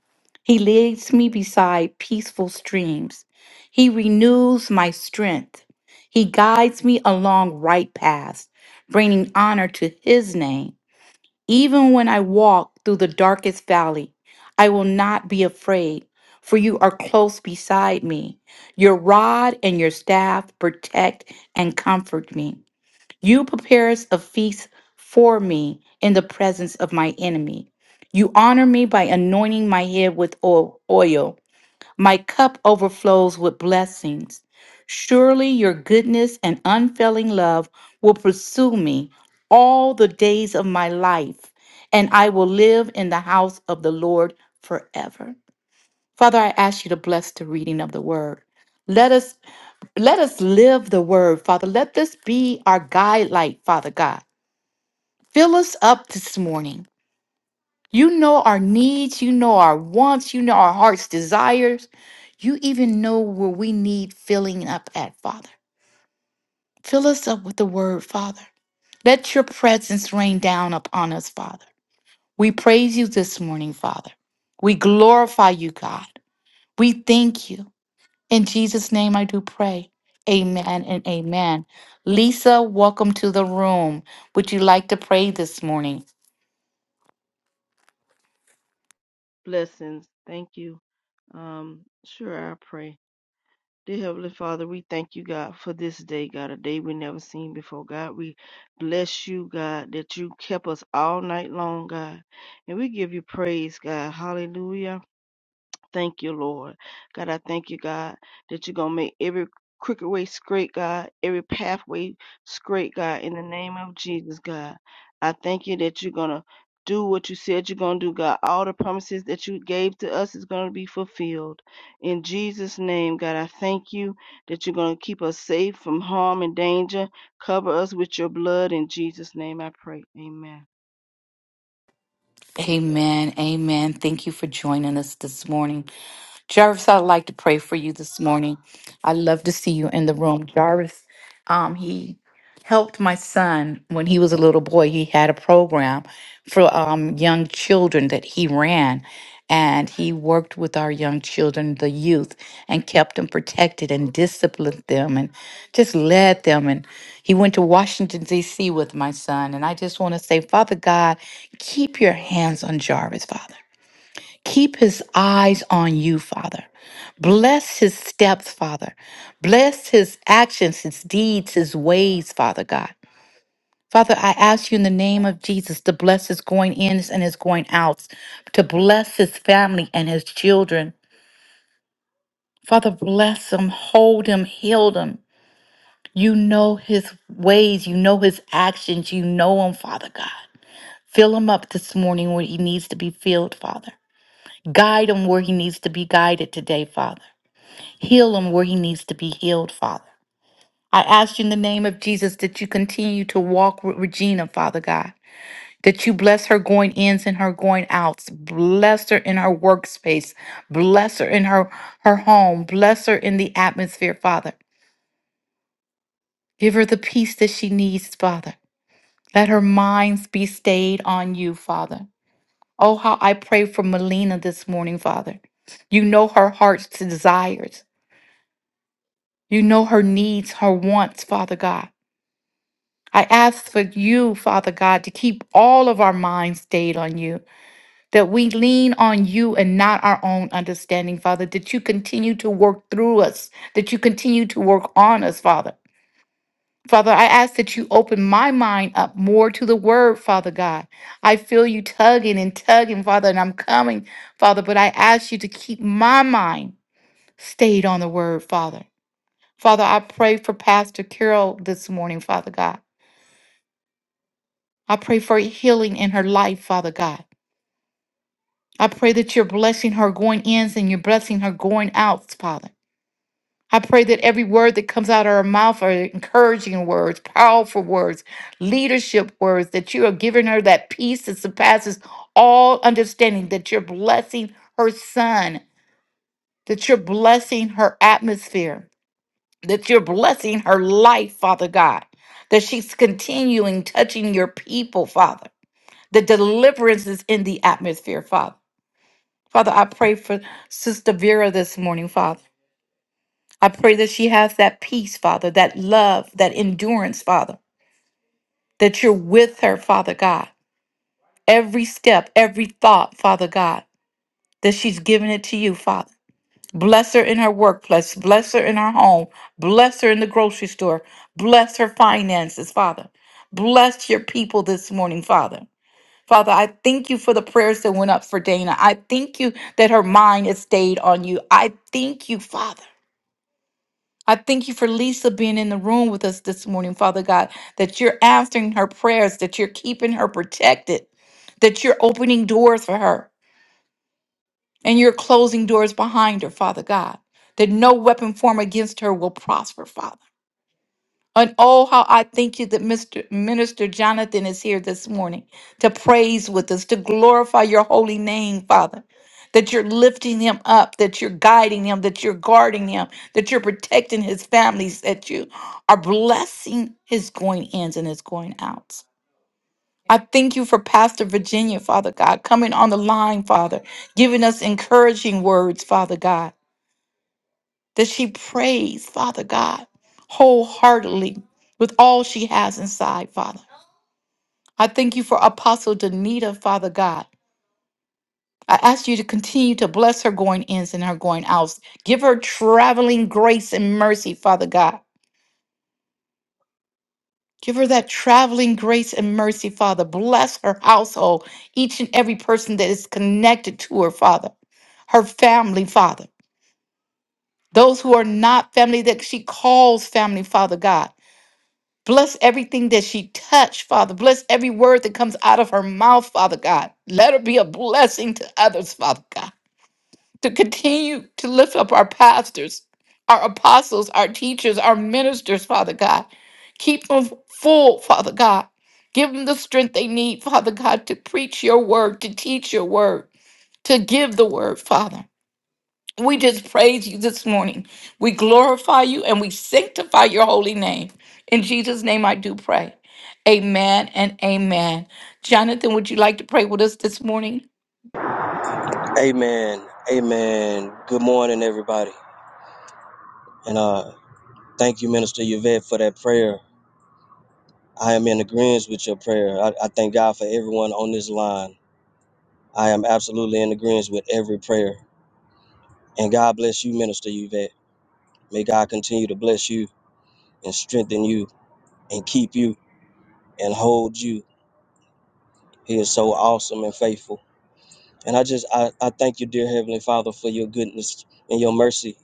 He leads me beside peaceful streams. He renews my strength. He guides me along right paths, bringing honor to his name. Even when I walk through the darkest valley, I will not be afraid, for you are close beside me. Your rod and your staff protect and comfort me. You prepare a feast for me in the presence of my enemy. You honor me by anointing my head with oil. My cup overflows with blessings. Surely your goodness and unfailing love will pursue me all the days of my life, and I will live in the house of the Lord forever. Father, I ask you to bless the reading of the word. Let us let us live the word, Father. Let this be our guide light, Father God. Fill us up this morning. You know our needs, you know our wants, you know our heart's desires. You even know where we need filling up at, Father. Fill us up with the word, Father. Let your presence rain down upon us, Father. We praise you this morning, Father. We glorify you, God. We thank you. In Jesus' name I do pray. Amen and amen. Lisa, welcome to the room. Would you like to pray this morning? blessings. Thank you. Um, sure, I pray. Dear Heavenly Father, we thank you, God, for this day, God, a day we never seen before. God, we bless you, God, that you kept us all night long, God. And we give you praise, God. Hallelujah. Thank you, Lord. God, I thank you, God, that you're going to make every crooked way straight, God, every pathway straight, God, in the name of Jesus, God. I thank you that you're going to do what you said you're going to do, God. All the promises that you gave to us is going to be fulfilled. In Jesus' name, God, I thank you that you're going to keep us safe from harm and danger. Cover us with your blood. In Jesus' name, I pray. Amen. Amen. Amen. Thank you for joining us this morning. Jarvis, I'd like to pray for you this morning. I love to see you in the room. Jarvis, um, he helped my son when he was a little boy. He had a program for um, young children that he ran, and he worked with our young children, the youth, and kept them protected and disciplined them and just led them. And he went to Washington, D.C. with my son. And I just want to say, Father God, keep your hands on Jarvis, Father. Keep his eyes on you, Father. Bless his steps, Father. Bless his actions, his deeds, his ways, Father God. Father, I ask you in the name of Jesus to bless his going ins and his going outs, to bless his family and his children. Father, bless him, hold him, heal him. You know his ways, you know his actions, you know him, Father God. Fill him up this morning where he needs to be filled, Father. Guide him where he needs to be guided today, Father. Heal him where he needs to be healed, Father. I ask you in the name of Jesus that you continue to walk with Regina, Father God, that you bless her going ins and her going outs. Bless her in her workspace. Bless her in her, her home. Bless her in the atmosphere, Father. Give her the peace that she needs, Father. Let her minds be stayed on you, Father. Oh, how I pray for Melina this morning, Father. You know her heart's desires. You know her needs, her wants, Father God. I ask for you, Father God, to keep all of our minds stayed on you, that we lean on you and not our own understanding, Father, that you continue to work through us, that you continue to work on us, Father. Father, I ask that you open my mind up more to the word, Father God. I feel you tugging and tugging, Father, and I'm coming, Father, but I ask you to keep my mind stayed on the word, Father. Father, I pray for Pastor Carol this morning, Father God. I pray for healing in her life, Father God. I pray that you're blessing her going ins and you're blessing her going outs, Father. I pray that every word that comes out of her mouth are encouraging words, powerful words, leadership words, that you are giving her that peace that surpasses all understanding, that you're blessing her son, that you're blessing her atmosphere, that you're blessing her life, Father God, that she's continuing touching your people, Father. The deliverance is in the atmosphere, Father. Father, I pray for Sister Vera this morning, Father. I pray that she has that peace, Father, that love, that endurance, Father, that you're with her, Father God. Every step, every thought, Father God, that she's giving it to you, Father. Bless her in her workplace. Bless her in her home. Bless her in the grocery store. Bless her finances, Father. Bless your people this morning, Father. Father, I thank you for the prayers that went up for Dana. I thank you that her mind has stayed on you. I thank you, Father. I thank you for Lisa being in the room with us this morning, Father God, that you're answering her prayers, that you're keeping her protected, that you're opening doors for her, and you're closing doors behind her, Father God, that no weapon formed against her will prosper, Father. And oh, how I thank you that Mr. Minister Jonathan is here this morning to praise with us, to glorify your holy name, Father. That you're lifting him up, that you're guiding him, that you're guarding him, that you're protecting his families, that you are blessing his going ins and his going outs. I thank you for Pastor Virginia, Father God, coming on the line, Father, giving us encouraging words, Father God that she prays, Father God, wholeheartedly with all she has inside, Father. I thank you for Apostle Danita, Father God. I ask you to continue to bless her going ins and her going outs. Give her traveling grace and mercy, Father God. Give her that traveling grace and mercy, Father. Bless her household, each and every person that is connected to her, Father. Her family, Father. Those who are not family that she calls family, Father God. Bless everything that she touched, Father. Bless every word that comes out of her mouth, Father God. Let her be a blessing to others, Father God. To continue to lift up our pastors, our apostles, our teachers, our ministers, Father God. Keep them full, Father God. Give them the strength they need, Father God, to preach your word, to teach your word, to give the word, Father. We just praise you this morning. We glorify you and we sanctify your holy name. In Jesus' name, I do pray. Amen and amen. Jonathan, would you like to pray with us this morning? Amen. Amen. Good morning, everybody. And uh, thank you, Minister Yvette, for that prayer. I am in agreement with your prayer. I, I thank God for everyone on this line. I am absolutely in agreement with every prayer. And God bless you, Minister Yvette. May God continue to bless you and strengthen you and keep you and hold you. He is so awesome and faithful. And I just I, I thank you, dear Heavenly Father, for your goodness and your mercy.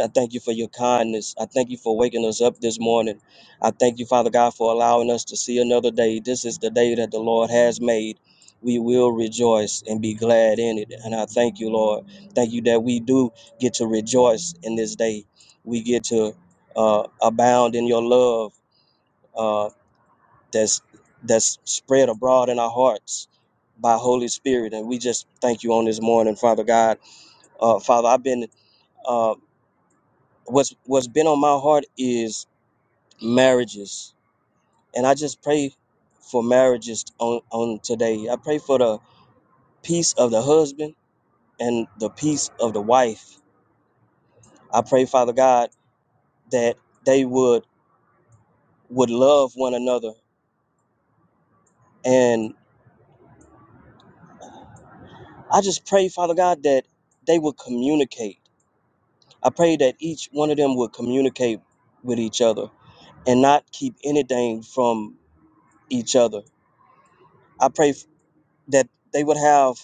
I thank you for your kindness. I thank you for waking us up this morning. I thank you, Father God, for allowing us to see another day. This is the day that the Lord has made. We will rejoice and be glad in it. And I thank you, Lord. Thank you that we do get to rejoice in this day. We get to uh, abound in your love. Uh, that's that's spread abroad in our hearts by Holy Spirit. And we just thank you on this morning, Father God. Uh, Father, I've been uh, what's what's been on my heart is marriages, and I just pray for marriages on on today. I pray for the peace of the husband and the peace of the wife. I pray, Father God, that they would would love one another, and I just pray, Father God, that they would communicate I pray that each one of them would communicate with each other and not keep anything from each other. I pray f- that they would have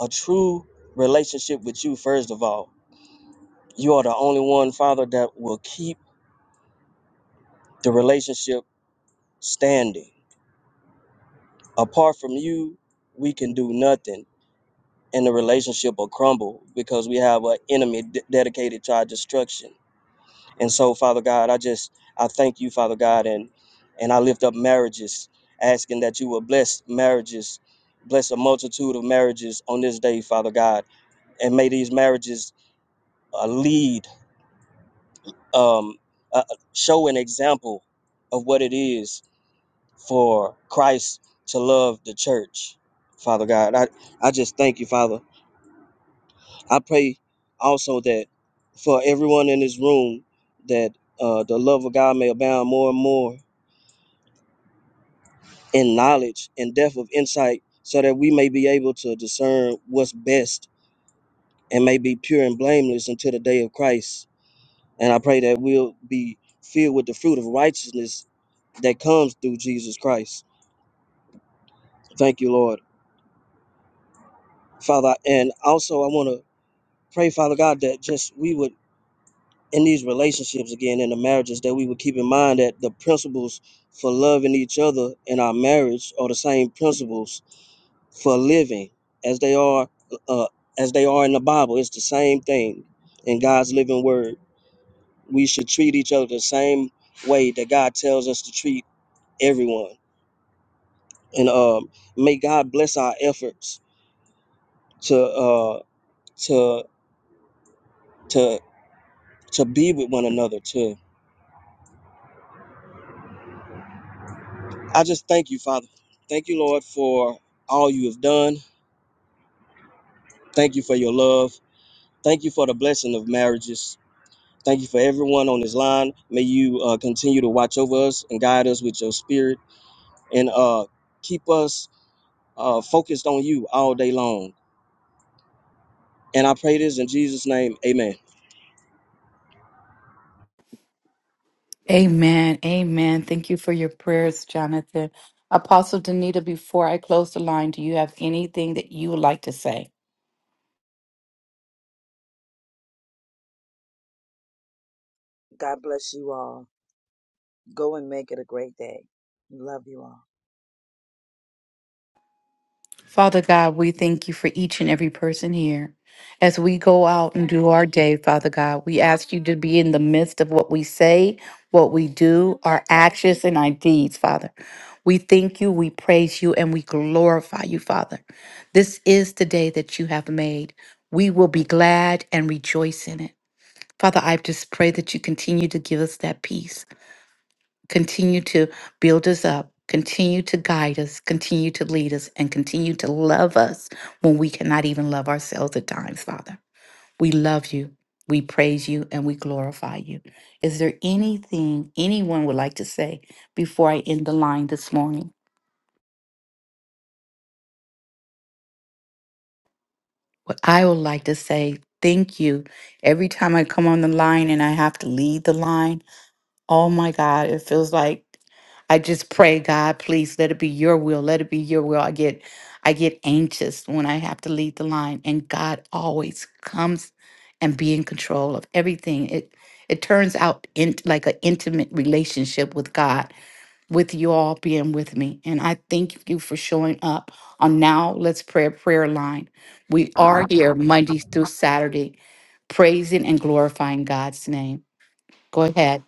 a true relationship with you, first of all. You are the only one, Father, that will keep the relationship standing. Apart from you, we can do nothing and the relationship will crumble because we have an enemy d- dedicated to our destruction. And so, Father God, I just I thank you, Father God, and and I lift up marriages, asking that you will bless marriages, bless a multitude of marriages on this day, Father God, and may these marriages uh, lead, um, uh, show an example of what it is for Christ to love the church, Father God. I I just thank you, Father. I pray also that for everyone in this room that uh, the love of God may abound more and more in knowledge and depth of insight so that we may be able to discern what's best and may be pure and blameless until the day of Christ. And I pray that we'll be filled with the fruit of righteousness that comes through Jesus Christ. Thank you, Lord. Father, and also I want to pray, Father God, that just we would, in these relationships again, in the marriages, that we would keep in mind that the principles for loving each other in our marriage are the same principles for a living as they are uh, as they are in the bible it's the same thing in god's living word we should treat each other the same way that god tells us to treat everyone and um, may god bless our efforts to uh, to to to be with one another too i just thank you father thank you lord for all you have done thank you for your love thank you for the blessing of marriages Thank you for everyone on this line. May you uh, continue to watch over us and guide us with your spirit and uh, keep us uh, focused on you all day long. And I pray this in Jesus' name. Amen. Amen. Amen. Thank you for your prayers, Jonathan. Apostle Danita, before I close the line, do you have anything that you would like to say? God bless you all. Go and make it a great day. Love you all. Father God, we thank you for each and every person here. As we go out and do our day, Father God, we ask you to be in the midst of what we say, what we do, our actions, and our deeds, Father. We thank you, we praise you, and we glorify you, Father. This is the day that you have made. We will be glad and rejoice in it. Father, I just pray that you continue to give us that peace continue to build us up, continue to guide us, continue to lead us, and continue to love us when we cannot even love ourselves at times, Father. We love you, we praise you, and we glorify you. Is there anything anyone would like to say before I end the line this morning? What I would like to say, thank you. Every time I come on the line and I have to lead the line, Oh my God, it feels like I just pray, God, please let it be your will. Let it be your will. I get I get anxious when I have to lead the line and God always comes and be in control of everything. It it turns out in, like an intimate relationship with God, with you all being with me. And I thank you for showing up on Now Let's Pray prayer line. We are here Monday through Saturday, praising and glorifying God's name. Go ahead.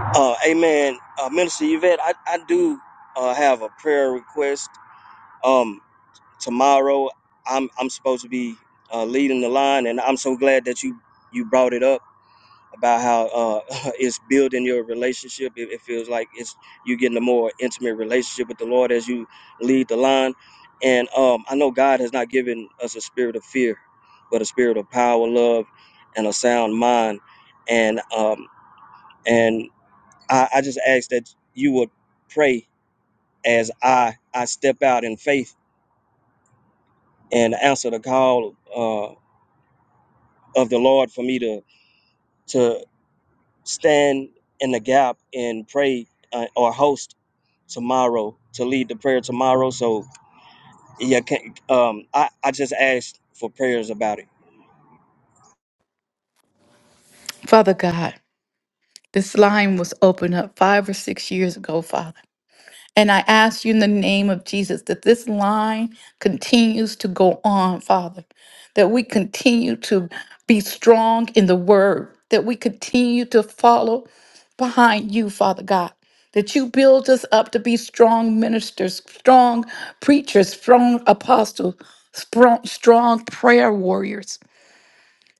Uh, amen. Uh, Minister Yvette, I, I do uh, have a prayer request. Um, tomorrow, I'm, I'm supposed to be uh, leading the line, and I'm so glad that you, you brought it up about how uh, [laughs] it's building your relationship. It, it feels like it's you getting a more intimate relationship with the Lord as you lead the line. And um, I know God has not given us a spirit of fear, but a spirit of power, love, and a sound mind. And um, and I, I just ask that you would pray as I I step out in faith and answer the call uh, of the Lord for me to to stand in the gap and pray uh, or host tomorrow to lead the prayer tomorrow. So yeah, can, um, I I just asked for prayers about it. Father God. This line was opened up five or six years ago, Father. And I ask you in the name of Jesus that this line continues to go on, Father, that we continue to be strong in the word, that we continue to follow behind you, Father God, that you build us up to be strong ministers, strong preachers, strong apostles, strong, strong prayer warriors.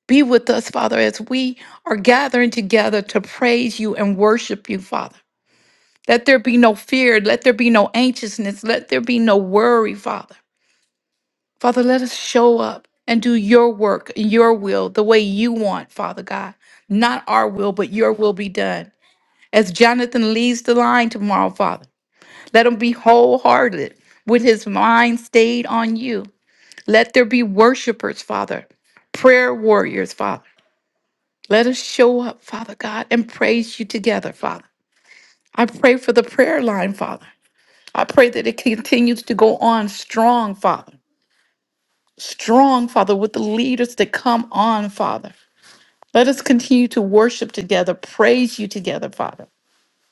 Be with us, Father, as we are gathering together to praise you and worship you, Father. Let there be no fear. Let there be no anxiousness. Let there be no worry, Father. Father, let us show up and do your work and your will the way you want, Father God. Not our will, but your will be done. As Jonathan leaves the line tomorrow, Father, let him be wholehearted with his mind stayed on you. Let there be worshipers, Father, prayer warriors, Father. Let us show up, Father God, and praise you together, Father. I pray for the prayer line, Father. I pray that it continues to go on strong, Father. Strong, Father, with the leaders that come on, Father. Let us continue to worship together, praise you together, Father.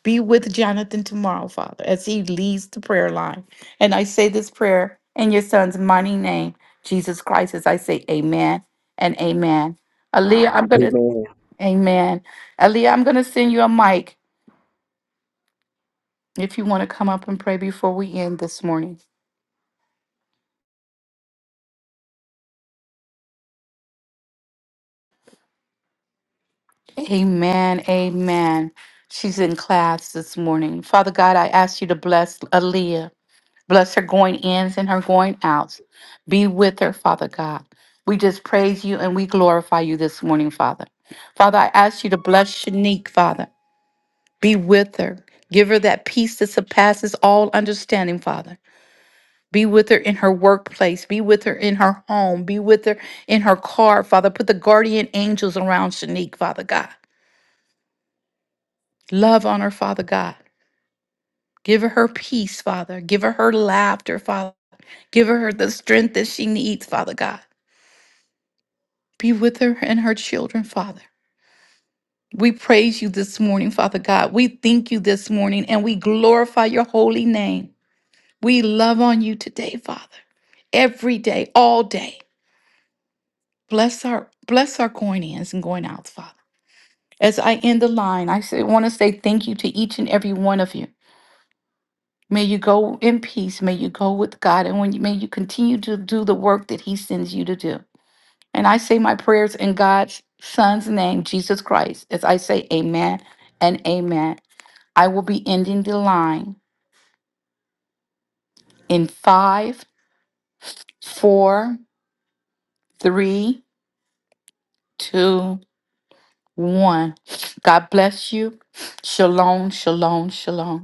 Be with Jonathan tomorrow, Father, as he leads the prayer line. And I say this prayer in your son's mighty name, Jesus Christ, as I say amen and amen. Aaliyah, I'm going to, Amen. amen. Aaliyah, I'm going to send you a mic. if you want to come up and pray before we end this morning. Amen. Amen. She's in class this morning. Father God, I ask you to bless Aaliyah. Bless her going ins and her going outs. Be with her, Father God. We just praise you and we glorify you this morning, Father. Father, I ask you to bless Shanique, Father. Be with her. Give her that peace that surpasses all understanding, Father. Be with her in her workplace. Be with her in her home. Be with her in her car, Father. Put the guardian angels around Shanique, Father God. Love on her, Father God. Give her her peace, Father. Give her her laughter, Father. Give her the strength that she needs, Father God. Be with her and her children, Father. We praise you this morning, Father God. We thank you this morning and we glorify your holy name. We love on you today, Father. Every day, all day. Bless our bless our going ins and going outs, Father. As I end the line, I want to say thank you to each and every one of you. May you go in peace. May you go with God. And when you, may you continue to do the work that He sends you to do. And I say my prayers in God's Son's name, Jesus Christ, as I say amen and amen. I will be ending the line in five, four, three, two, one. God bless you. Shalom, shalom, shalom.